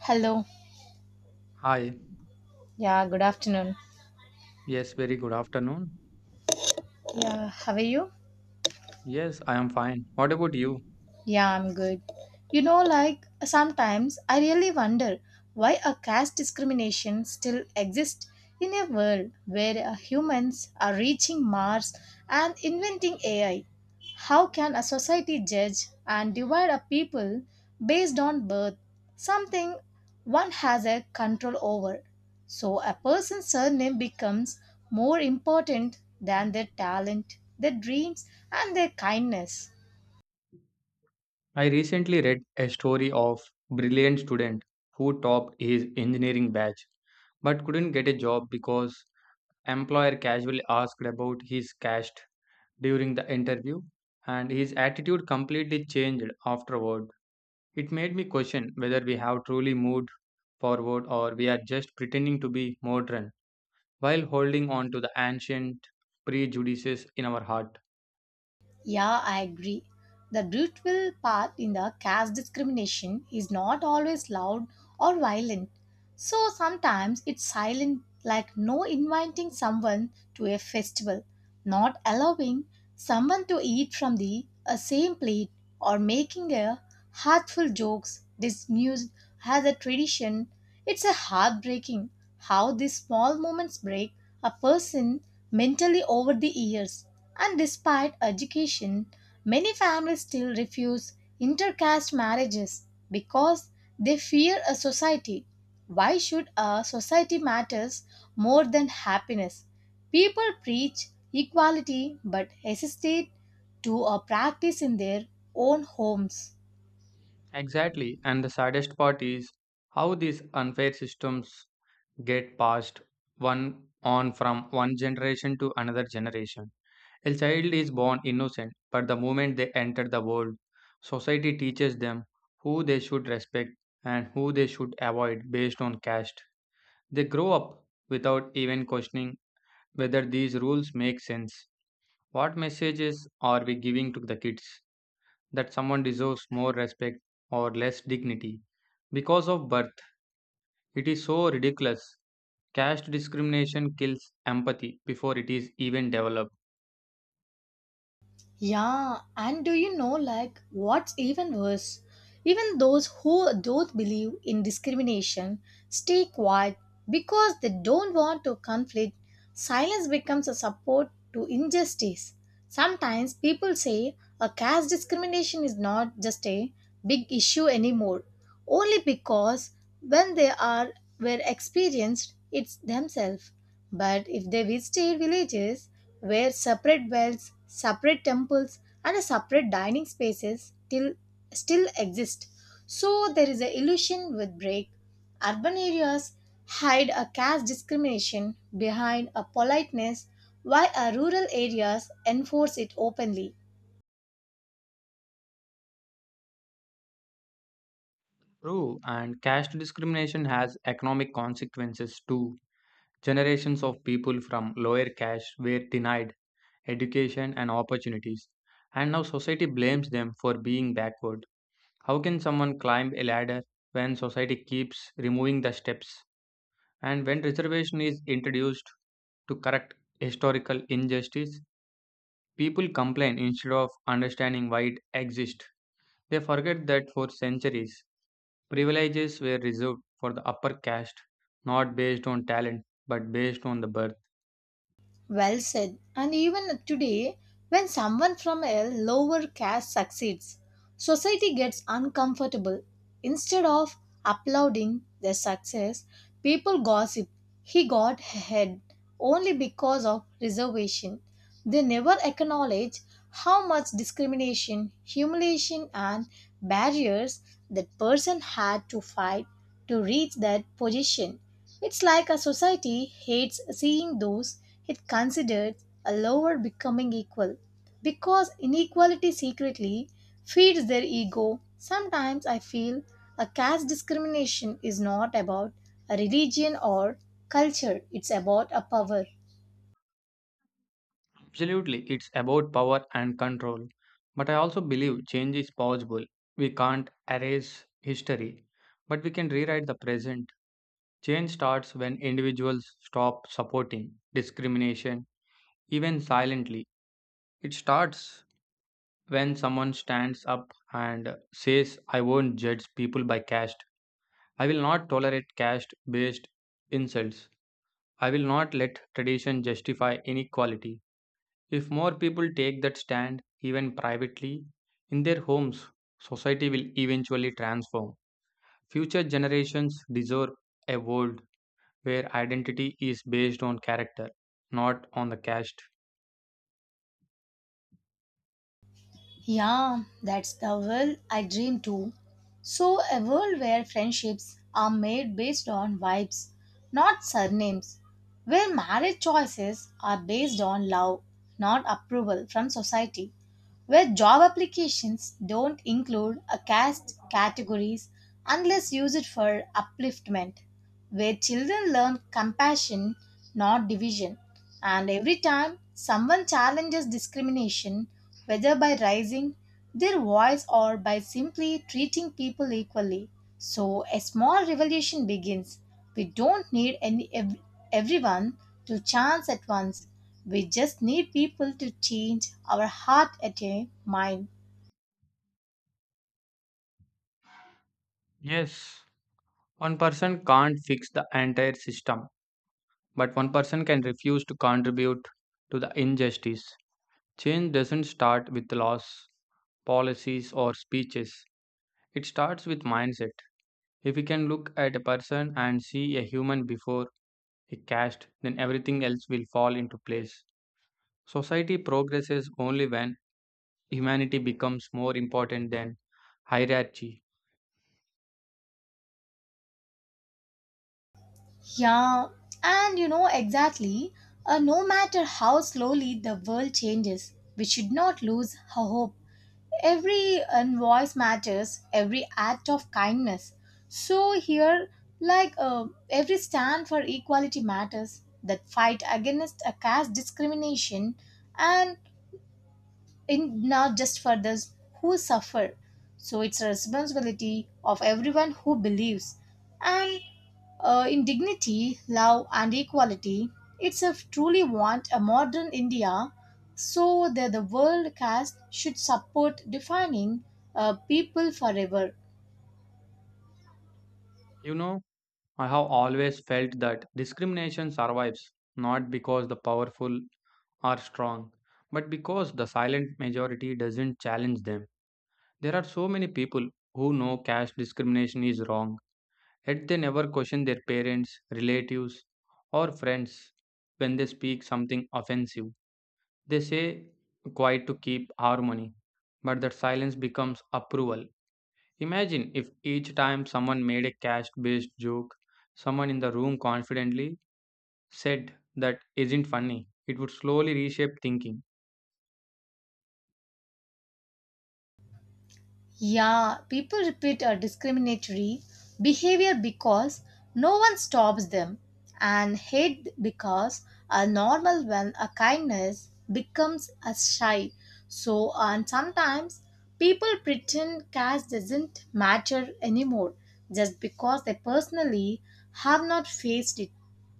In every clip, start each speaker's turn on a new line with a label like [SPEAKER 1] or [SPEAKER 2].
[SPEAKER 1] Hello.
[SPEAKER 2] Hi.
[SPEAKER 1] Yeah, good afternoon.
[SPEAKER 2] Yes, very good afternoon.
[SPEAKER 1] Yeah, how are you?
[SPEAKER 2] Yes, I am fine. What about you?
[SPEAKER 1] Yeah, I'm good. Sometimes I really wonder why a caste discrimination still exists in a world where humans are reaching Mars and inventing AI. How can a society judge and divide a people based on birth, something one has a control over? So a person's surname becomes more important than their talent, their dreams, and their kindness.
[SPEAKER 2] I recently read a story of brilliant student who topped his engineering batch but couldn't get a job because employer casually asked about his caste during the interview and his attitude completely changed afterward. It made me question whether we have truly moved forward or we are just pretending to be modern while holding on to the ancient prejudices in our heart.
[SPEAKER 1] Yeah, I agree. The brutal part in the caste discrimination is not always loud or violent. So sometimes it's silent, like no inviting someone to a festival, not allowing someone to eat from the same plate, or making a hurtful jokes dismissed as a tradition. It's a heartbreaking how these small moments break a person mentally over the years. And despite education, many families still refuse intercaste marriages because they fear a society. Why should a society matters more than happiness? People preach equality but hesitate to practice in their own homes.
[SPEAKER 2] Exactly. And the saddest part is how these unfair systems get passed one on from one generation to another generation. A child is born innocent, but the moment they enter the world, society teaches them who they should respect and who they should avoid based on caste. They grow up without even questioning whether these rules make sense. What messages are we giving to the kids? That someone deserves more respect or less dignity because of birth. It is so ridiculous. Caste discrimination kills empathy before it is even developed.
[SPEAKER 1] Yeah, and do you know, like, what's even worse? Even those who don't believe in discrimination stay quiet because they don't want to conflict. Silence becomes a support to injustice. Sometimes people say a caste discrimination is not just a big issue anymore, only because when they are were experienced it's themselves. But if they visited villages, where separate wells, separate temples, and a separate dining spaces till still exist. So there is an illusion with break. Urban areas hide a caste discrimination behind a politeness, while our rural areas enforce it openly.
[SPEAKER 2] True, and caste discrimination has economic consequences too. Generations of people from lower caste were denied education and opportunities, and now society blames them for being backward. How can someone climb a ladder when society keeps removing the steps? And when reservation is introduced to correct historical injustice, people complain instead of understanding why it exists. They forget that for centuries, privileges were reserved for the upper caste, not based on talent but based on the birth.
[SPEAKER 1] Well said. And even today, when someone from a lower caste succeeds, society gets uncomfortable. Instead of applauding their success, people gossip. He got ahead only because of reservation. They never acknowledge how much discrimination, humiliation, and barriers that person had to fight to reach that position. It's like a society hates seeing those it considers a lower becoming equal because inequality secretly feeds their ego. Sometimes I feel a caste discrimination is not about a religion or culture, it's about a power.
[SPEAKER 2] Absolutely, it's about power and control. But I also believe change is possible. We can't erase history, but we can rewrite the present. Change starts when individuals stop supporting discrimination even silently. It starts when someone stands up and says, I won't judge people by caste. I will not tolerate caste based insults. I will not let tradition justify inequality. If more people take that stand, even privately, in their homes, society will eventually transform. Future generations deserve a world where identity is based on character, not on the caste.
[SPEAKER 1] Yeah, that's the world I dream too. So, a world where friendships are made based on vibes, not surnames. Where marriage choices are based on love, not approval from society where job applications don't include a caste categories unless used for upliftment, where children learn compassion, not division. And every time someone challenges discrimination, whether by raising their voice or by simply treating people equally, so a small revolution begins we don't need everyone to chance at once. We just need people to change our heart at a mind.
[SPEAKER 2] Yes, one person can't fix the entire system, but one person can refuse to contribute to the injustice. Change doesn't start with laws, policies, or speeches, it starts with mindset. If we can look at a person and see a human before a caste, then everything else will fall into place. Society progresses only when humanity becomes more important than hierarchy.
[SPEAKER 1] Yeah, and you know exactly, no matter how slowly the world changes, we should not lose our hope. Every invoice matters, every act of kindness. So, here, every stand for equality matters, that fight against a caste discrimination and in not just for those who suffer. So it's a responsibility of everyone who believes. And in dignity, love, and equality, it's a truly want a modern India so that the world caste should support defining people forever.
[SPEAKER 2] You know, I have always felt that discrimination survives not because the powerful are strong, but because the silent majority doesn't challenge them. There are so many people who know caste discrimination is wrong, yet they never question their parents, relatives, or friends when they speak something offensive. They say quiet to keep harmony, but that silence becomes approval. Imagine if each time someone made a caste based joke, someone in the room confidently said that isn't funny. It would slowly reshape thinking.
[SPEAKER 1] Yeah, people repeat a discriminatory behavior because no one stops them and hate because a normal when a kindness becomes a shy. So and sometimes people pretend caste doesn't matter anymore just because they personally have not faced it.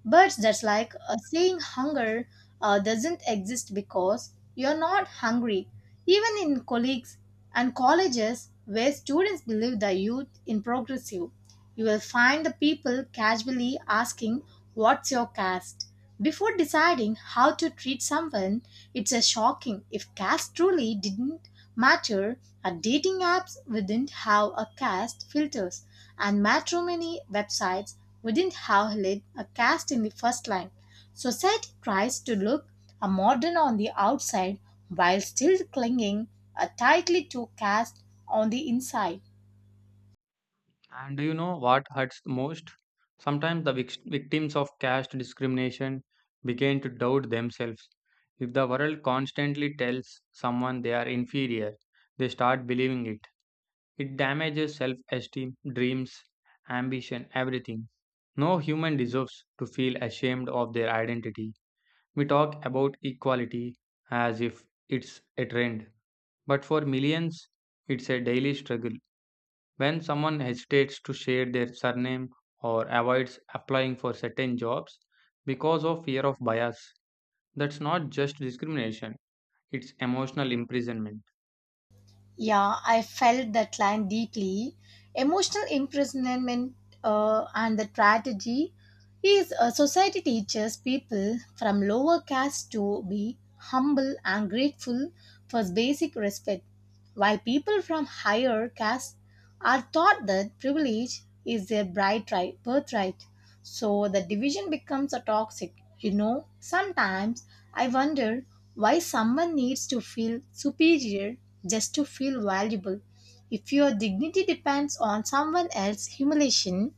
[SPEAKER 1] But that's like saying hunger doesn't exist because you're not hungry. Even in colleagues and colleges where students believe the youth in progressive. You will find the people casually asking, what's your caste? Before deciding how to treat someone, it's a shocking if caste truly didn't matter. Our dating apps wouldn't have a caste filters, and matrimony websites wouldn't have lit a caste in the first line. Society tries to look a modern on the outside while still clinging tightly to caste on the inside.
[SPEAKER 2] And do you know what hurts the most? Sometimes the victims of caste discrimination begin to doubt themselves. If the world constantly tells someone they are inferior, they start believing it. It damages self esteem, dreams, ambition, everything. No human deserves to feel ashamed of their identity. We talk about equality as if it's a trend, but for millions, it's a daily struggle. When someone hesitates to share their surname or avoids applying for certain jobs because of fear of bias, that's not just discrimination, it's emotional imprisonment.
[SPEAKER 1] Yeah, I felt that line deeply. Emotional imprisonment and the tragedy is a society teaches people from lower caste to be humble and grateful for basic respect, while people from higher caste are taught that privilege is their birthright. So the division becomes a toxic. You know, sometimes I wonder why someone needs to feel superior just to feel valuable. If your dignity depends on someone else's humiliation,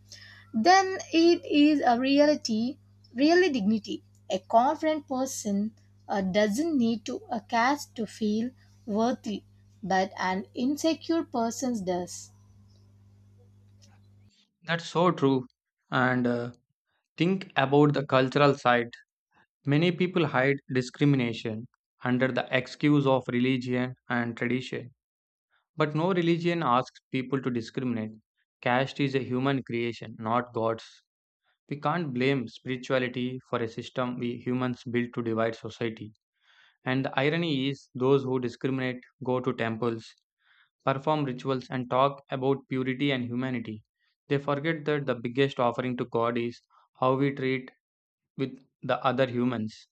[SPEAKER 1] then it is a reality, really dignity. A confident person doesn't need to a cast to feel worthy, but an insecure person does.
[SPEAKER 2] That's so true. And think about the cultural side. Many people hide discrimination under the excuse of religion and tradition. But no religion asks people to discriminate. Caste is a human creation, not God's. We can't blame spirituality for a system we humans built to divide society. And the irony is, those who discriminate go to temples, perform rituals, and talk about purity and humanity. They forget that the biggest offering to God is how we treat with the other humans.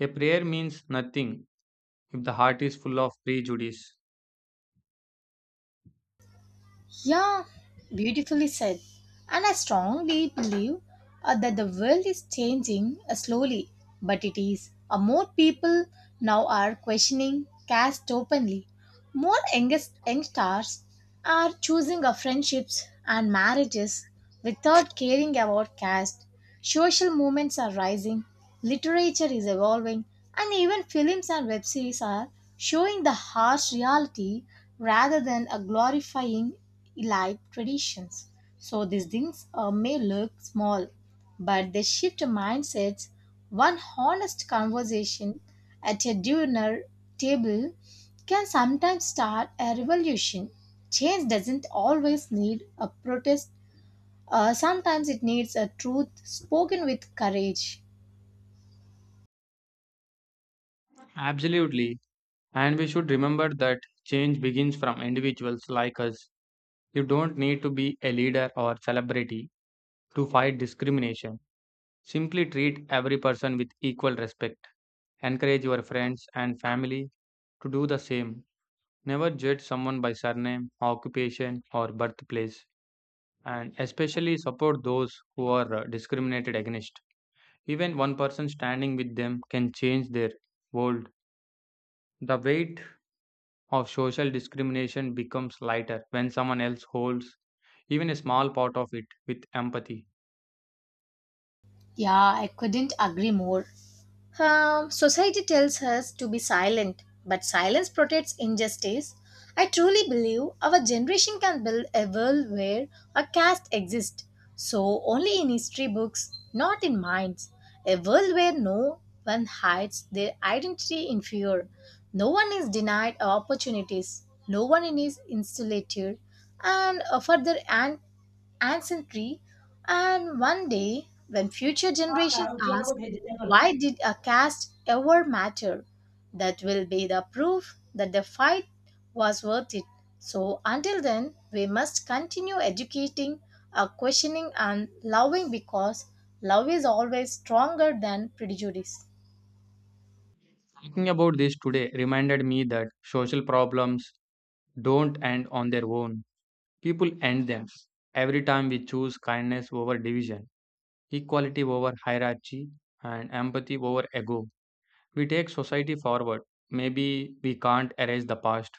[SPEAKER 2] A prayer means nothing if the heart is full of prejudice.
[SPEAKER 1] Yeah, beautifully said. And I strongly believe that the world is changing slowly, but it is. More people now are questioning caste openly, more youngsters are choosing of friendships and marriages without caring about caste. Social movements are rising, literature is evolving, and even films and web series are showing the harsh reality rather than a glorifying elite traditions. So these things may look small, but they shift mindsets one honest conversation at a dinner table can sometimes start a revolution. Change doesn't always need a protest, sometimes it needs a truth spoken with courage.
[SPEAKER 2] Absolutely. And we should remember that change begins from individuals like us. You don't need to be a leader or celebrity to fight discrimination. Simply treat every person with equal respect. Encourage your friends and family to do the same. Never judge someone by surname, occupation, or birthplace. And especially support those who are discriminated against. Even one person standing with them can change their world. The weight of social discrimination becomes lighter when someone else holds even a small part of it with empathy.
[SPEAKER 1] Yeah, I couldn't agree more. Society tells us to be silent, but silence protects injustice. I truly believe our generation can build a world where a caste exists, so only in history books, not in minds. A world where no one hides their identity in fear, no one is denied opportunities, no one is insulated, and further and ancestry and one day, when future generations ask, why did a caste ever matter? That will be the proof that the fight was worth it. So, until then, we must continue educating, questioning, and loving because love is always stronger than prejudice.
[SPEAKER 2] Thinking about this today reminded me that social problems don't end on their own, people end them. Every time we choose kindness over division, equality over hierarchy, and empathy over ego, we take society forward. Maybe we can't erase the past,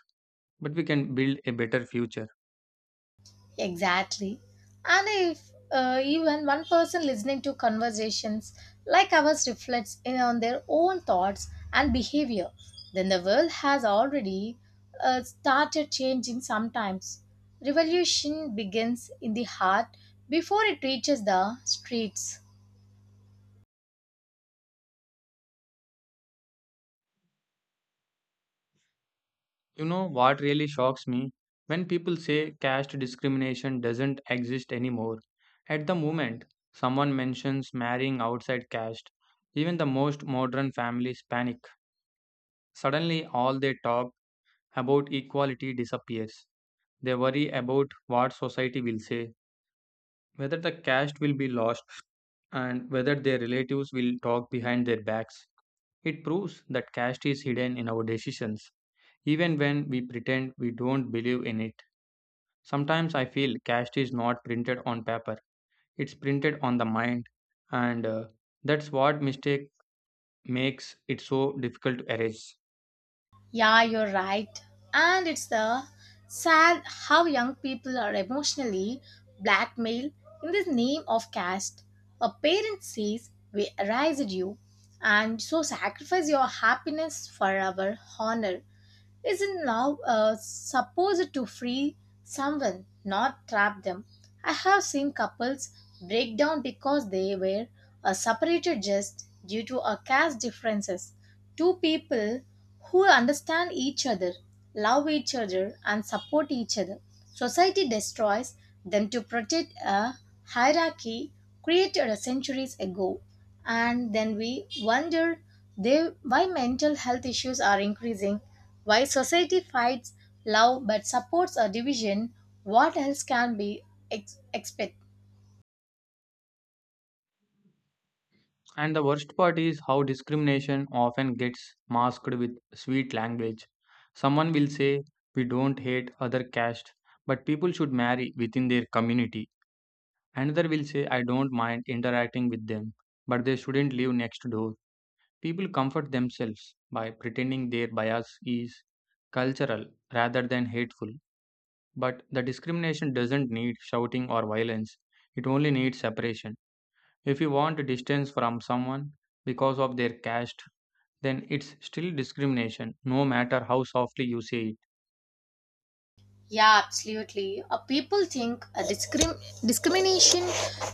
[SPEAKER 2] but we can build a better future.
[SPEAKER 1] Exactly. And if even one person listening to conversations like ours reflects in on their own thoughts and behavior, then the world has already started changing sometimes. Revolution begins in the heart before it reaches the streets.
[SPEAKER 2] You know what really shocks me? When people say caste discrimination doesn't exist anymore. At the moment, someone mentions marrying outside caste. Even the most modern families panic. Suddenly, all they talk about equality disappears. They worry about what society will say, whether the caste will be lost, and whether their relatives will talk behind their backs. It proves that caste is hidden in our decisions, even when we pretend we don't believe in it. Sometimes I feel caste is not printed on paper, it's printed on the mind, and that's what mistake makes it so difficult to erase.
[SPEAKER 1] Yeah, you're right. And it's the sad how young people are emotionally blackmailed in the name of caste. A parent says, we raised you, and so sacrifice your happiness for our honor. Isn't love supposed to free someone, not trap them? I have seen couples break down because they were separated just due to a caste differences. Two people who understand each other, love each other, and support each other. Society destroys them to protect a hierarchy created centuries ago and then we wonder they, why mental health issues are increasing, why society fights love but supports a division, what else can be expect?
[SPEAKER 2] And the worst part is how discrimination often gets masked with sweet language. Someone will say, we don't hate other caste, but people should marry within their community. Another will say, I don't mind interacting with them, but they shouldn't live next door. People comfort themselves by pretending their bias is cultural rather than hateful, but the discrimination doesn't need shouting or violence, it only needs separation. If you want distance from someone because of their caste, then it's still discrimination, no matter how softly you say it.
[SPEAKER 1] Yeah, absolutely. People think discrimination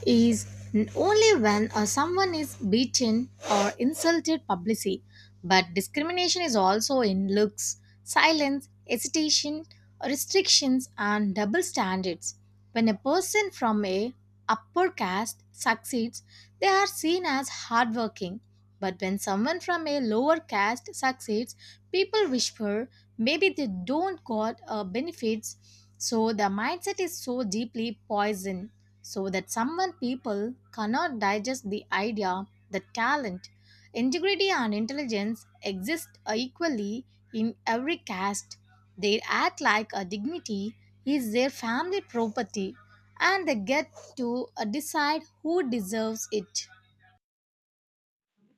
[SPEAKER 1] is only when someone is beaten or insulted publicly, but discrimination is also in looks, silence, hesitation, restrictions, and double standards. When a person from a upper caste succeeds, they are seen as hardworking, but when someone from a lower caste succeeds, people whisper maybe they don't got benefits. So the mindset is so deeply poisoned, so that someone people cannot digest the idea that talent, integrity, and intelligence exist equally in every caste. They act like a dignity is their family property and they get to decide who deserves it.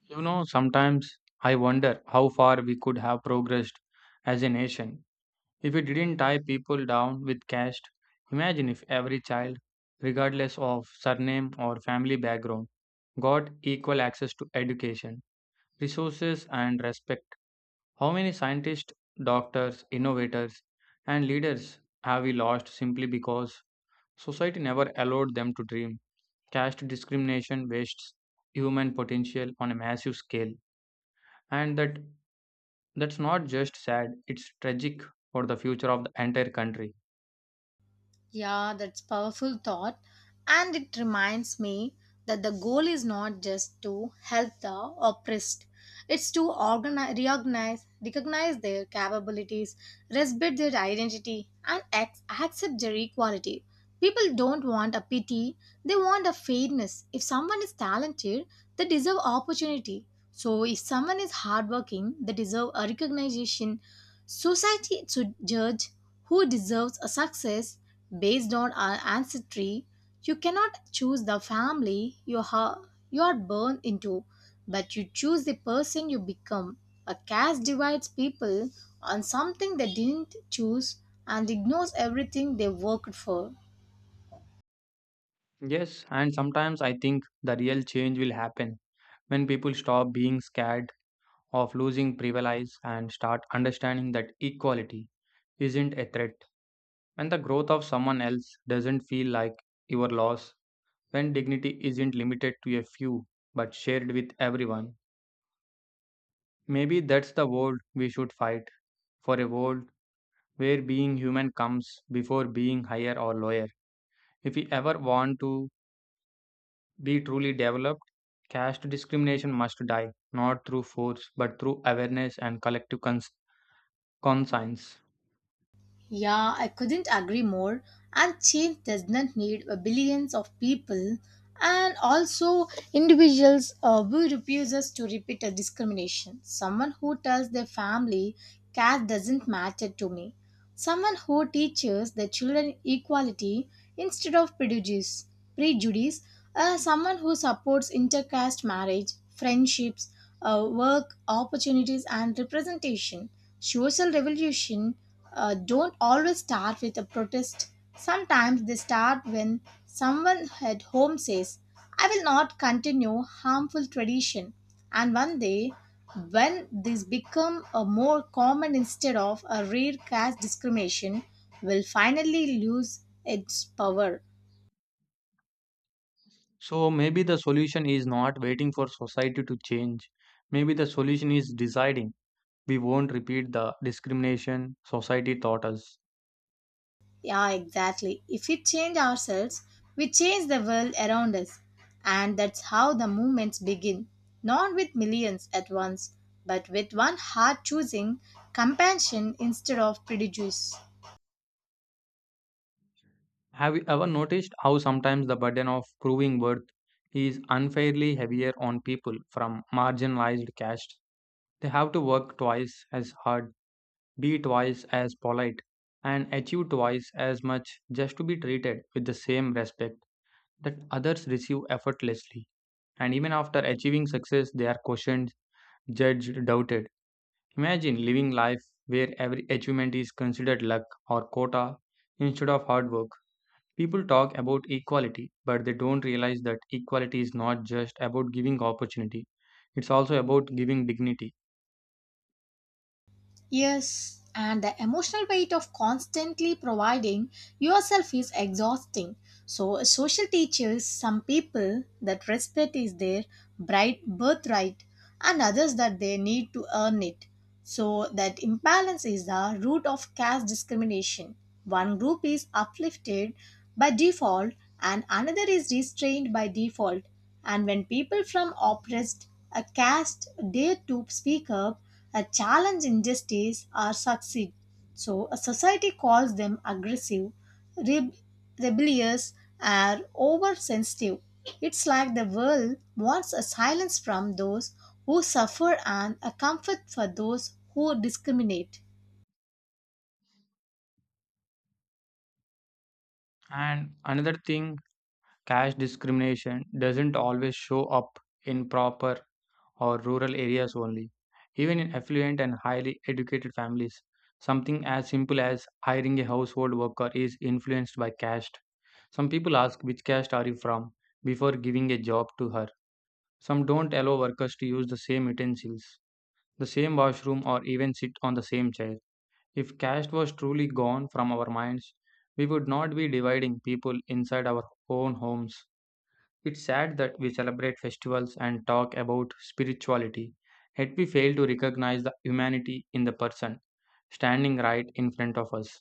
[SPEAKER 2] You know, sometimes I wonder how far we could have progressed as a nation. If we didn't tie people down with caste, imagine if every child, regardless of surname or family background, got equal access to education, resources, and respect. How many scientists, doctors, innovators, and leaders have we lost simply because society never allowed them to dream? Caste discrimination wastes human potential on a massive scale, and that's not just sad; it's tragic for the future of the entire country.
[SPEAKER 1] Yeah, that's powerful thought and it reminds me that the goal is not just to help the oppressed. It's to organize, recognize their capabilities, respect their identity and accept their equality. People don't want a pity, they want a fairness. If someone is talented, they deserve opportunity. So if someone is hardworking, they deserve a recognition. Society should judge who deserves a success based on our ancestry. You cannot choose the family you are born into, but you choose the person you become. A caste divides people on something they didn't choose and ignores everything they worked for.
[SPEAKER 2] Yes, and sometimes I think the real change will happen when people stop being scared of losing privilege and start understanding that equality isn't a threat. When the growth of someone else doesn't feel like your loss, when dignity isn't limited to a few but shared with everyone, maybe that's the world we should fight for a world where being human comes before being higher or lower. If we ever want to be truly developed, caste discrimination must die, not through force, but through awareness and collective conscience.
[SPEAKER 1] Yeah, I couldn't agree more. And change does not need billions of people and also individuals who refuses to repeat a discrimination. Someone who tells their family caste doesn't matter to me. Someone who teaches their children equality instead of prejudice. Someone who supports intercaste marriage, friendships, work opportunities and representation. Social revolution don't always start with a protest. Sometimes they start when someone at home says, I will not continue harmful tradition. And one day, when this become a more common instead of a rare caste discrimination, will finally lose its power.
[SPEAKER 2] So maybe the solution is not waiting for society to change. Maybe the solution is deciding we won't repeat the discrimination society taught us.
[SPEAKER 1] Yeah, exactly. If we change ourselves, we change the world around us. And that's how the movements begin. Not with millions at once, but with one heart choosing compassion instead of prejudice.
[SPEAKER 2] Have you ever noticed how sometimes the burden of proving worth is unfairly heavier on people from marginalized castes? They have to work twice as hard, be twice as polite, and achieve twice as much just to be treated with the same respect that others receive effortlessly. And even after achieving success, they are questioned, judged, doubted. Imagine living life where every achievement is considered luck or quota instead of hard work. People talk about equality, but they don't realize that equality is not just about giving opportunity, it's also about giving dignity.
[SPEAKER 1] Yes, and the emotional weight of constantly providing yourself is exhausting. So, as social teaches some people that respect is their bright birthright and others that they need to earn it. So, that imbalance is the root of caste discrimination. One group is uplifted by default, and another is restrained by default. And when people from oppressed a caste dare to speak up, challenge injustice, or succeed. So, a society calls them aggressive, reb- rebellious, or oversensitive. It's like the world wants a silence from those who suffer and a comfort for those who discriminate.
[SPEAKER 2] And another thing, caste discrimination doesn't always show up in proper or rural areas only. Even in affluent and highly educated families, something as simple as hiring a household worker is influenced by caste. Some people ask, which caste are you from, before giving a job to her. Some don't allow workers to use the same utensils, the same washroom, or even sit on the same chair. If caste was truly gone from our minds, we would not be dividing people inside our own homes. It's sad that we celebrate festivals and talk about spirituality, yet we fail to recognize the humanity in the person standing right in front of us.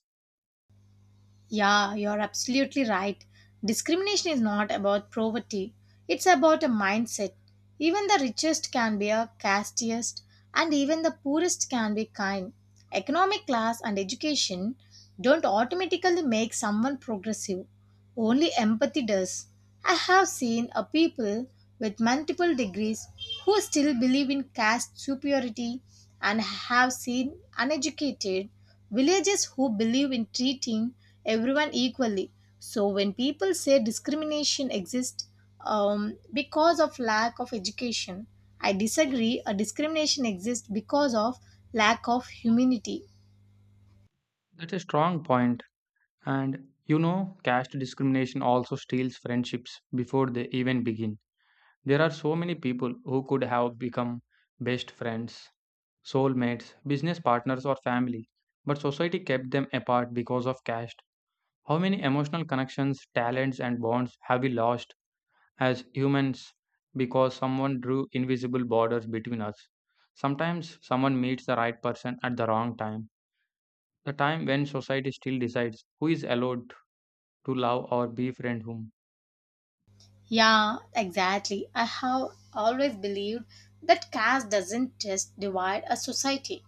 [SPEAKER 1] Yeah, you're absolutely right. Discrimination is not about poverty, it's about a mindset. Even the richest can be a casteist, and even the poorest can be kind. Economic class and education don't automatically make someone progressive. Only empathy does. I have seen a people with multiple degrees who still believe in caste superiority and have seen uneducated villagers who believe in treating everyone equally. So when people say discrimination exists because of lack of education, I disagree. A discrimination exists because of lack of humanity.
[SPEAKER 2] That's a strong point. And you know, caste discrimination also steals friendships before they even begin. There are so many people who could have become best friends, soulmates, business partners, or family, but society kept them apart because of caste. How many emotional connections, talents, and bonds have we lost as humans because someone drew invisible borders between us? Sometimes someone meets the right person at the wrong time, the time when society still decides who is allowed to love or befriend whom.
[SPEAKER 1] Yeah, exactly. I have always believed that caste doesn't just divide a society,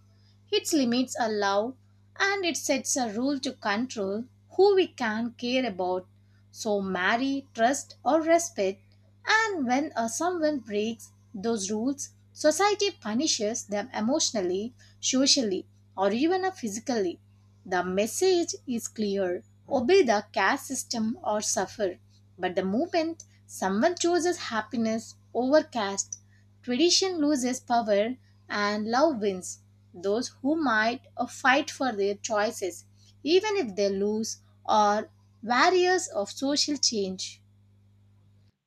[SPEAKER 1] its limits allow and it sets a rule to control who we can care about. So marry, trust, or respect. And when someone breaks those rules, society punishes them emotionally, socially, or even physically. The message is clear obey the caste system or suffer. But the moment someone chooses happiness over caste, tradition loses power and love wins. Those who might fight for their choices, even if they lose, are warriors of social change.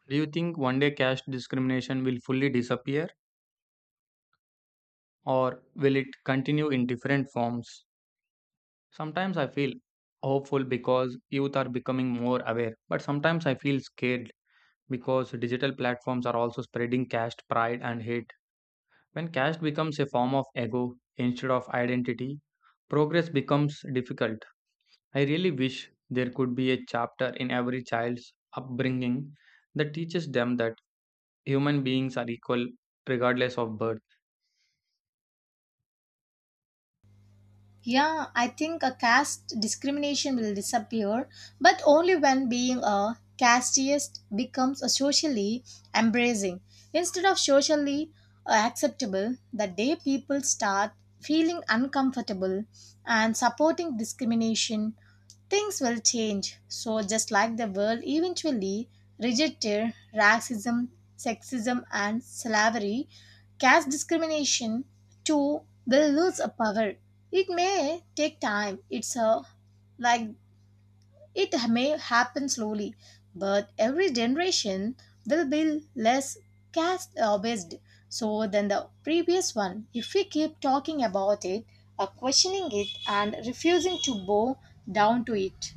[SPEAKER 2] Do you think one day caste discrimination will fully disappear or will it continue in different forms? Sometimes I feel hopeful because youth are becoming more aware, but sometimes I feel scared because digital platforms are also spreading caste pride and hate. When caste becomes a form of ego instead of identity, progress becomes difficult. I really wish there could be a chapter in every child's upbringing that teaches them that human beings are equal regardless of birth.
[SPEAKER 1] Yeah, I think a caste discrimination will disappear, but only when being a casteist becomes a socially embracing instead of socially acceptable. The day people start feeling uncomfortable and supporting discrimination, things will change. So, just like the world eventually rejected racism, sexism, and slavery, caste discrimination too will lose a power it may take time it's a like it may happen slowly but every generation will be less caste based so than the previous one if we keep talking about it questioning it and refusing to bow down to it.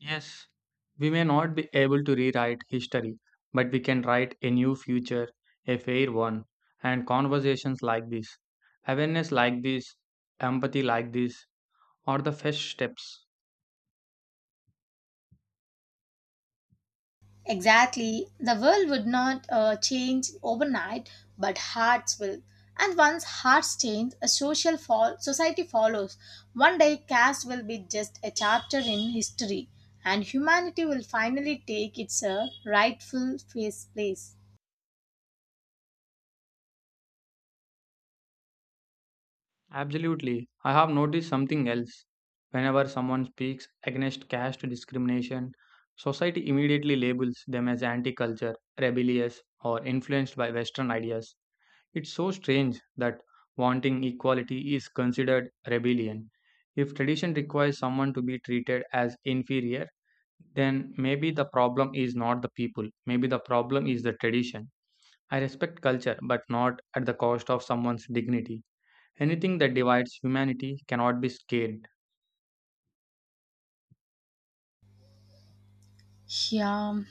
[SPEAKER 2] Yes, we may not be able to rewrite history, but we can write a new future, a fair one. And conversations like this, awareness like this, empathy like this, are the first steps.
[SPEAKER 1] Exactly. The world would not change overnight, but hearts will. And once hearts change, a social fall society follows. One day, caste will be just a chapter in history, and humanity will finally take its rightful face place.
[SPEAKER 2] Absolutely. I have noticed something else. Whenever someone speaks against caste discrimination, society immediately labels them as anti culture, rebellious, or influenced by Western ideas. It's so strange that wanting equality is considered rebellion. If tradition requires someone to be treated as inferior, then maybe the problem is not the people, maybe the problem is the tradition. I respect culture, but not at the cost of someone's dignity. Anything that divides humanity cannot be scaled.
[SPEAKER 1] Yeah,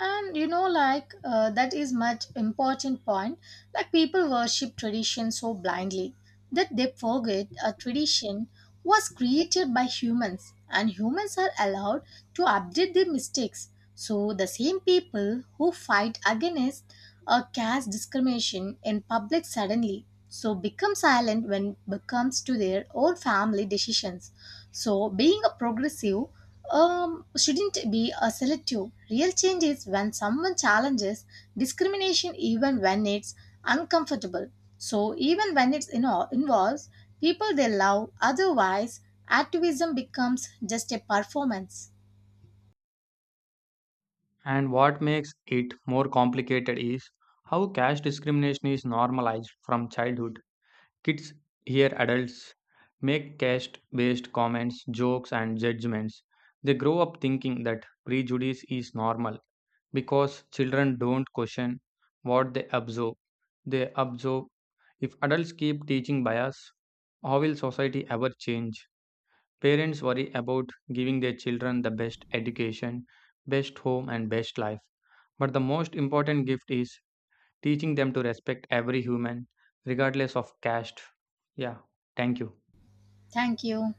[SPEAKER 1] and that is much important point like people worship tradition so blindly that they forget a tradition was created by humans and humans are allowed to update their mistakes so the same people who fight against a caste discrimination in public suddenly so become silent when it comes to their own family decisions so being a progressive shouldn't be a selective. Real change is when someone challenges discrimination even when it's uncomfortable. So even when it involves people they love, otherwise activism becomes just a performance.
[SPEAKER 2] And what makes it more complicated is how caste discrimination is normalized from childhood. Kids hear adults make caste based comments, jokes, and judgments. They grow up thinking that prejudice is normal because children don't question what they observe. They observe if adults keep teaching bias, how will society ever change? Parents worry about giving their children the best education, best home, and best life. But the most important gift is teaching them to respect every human regardless of caste. Yeah, thank you.
[SPEAKER 1] Thank you.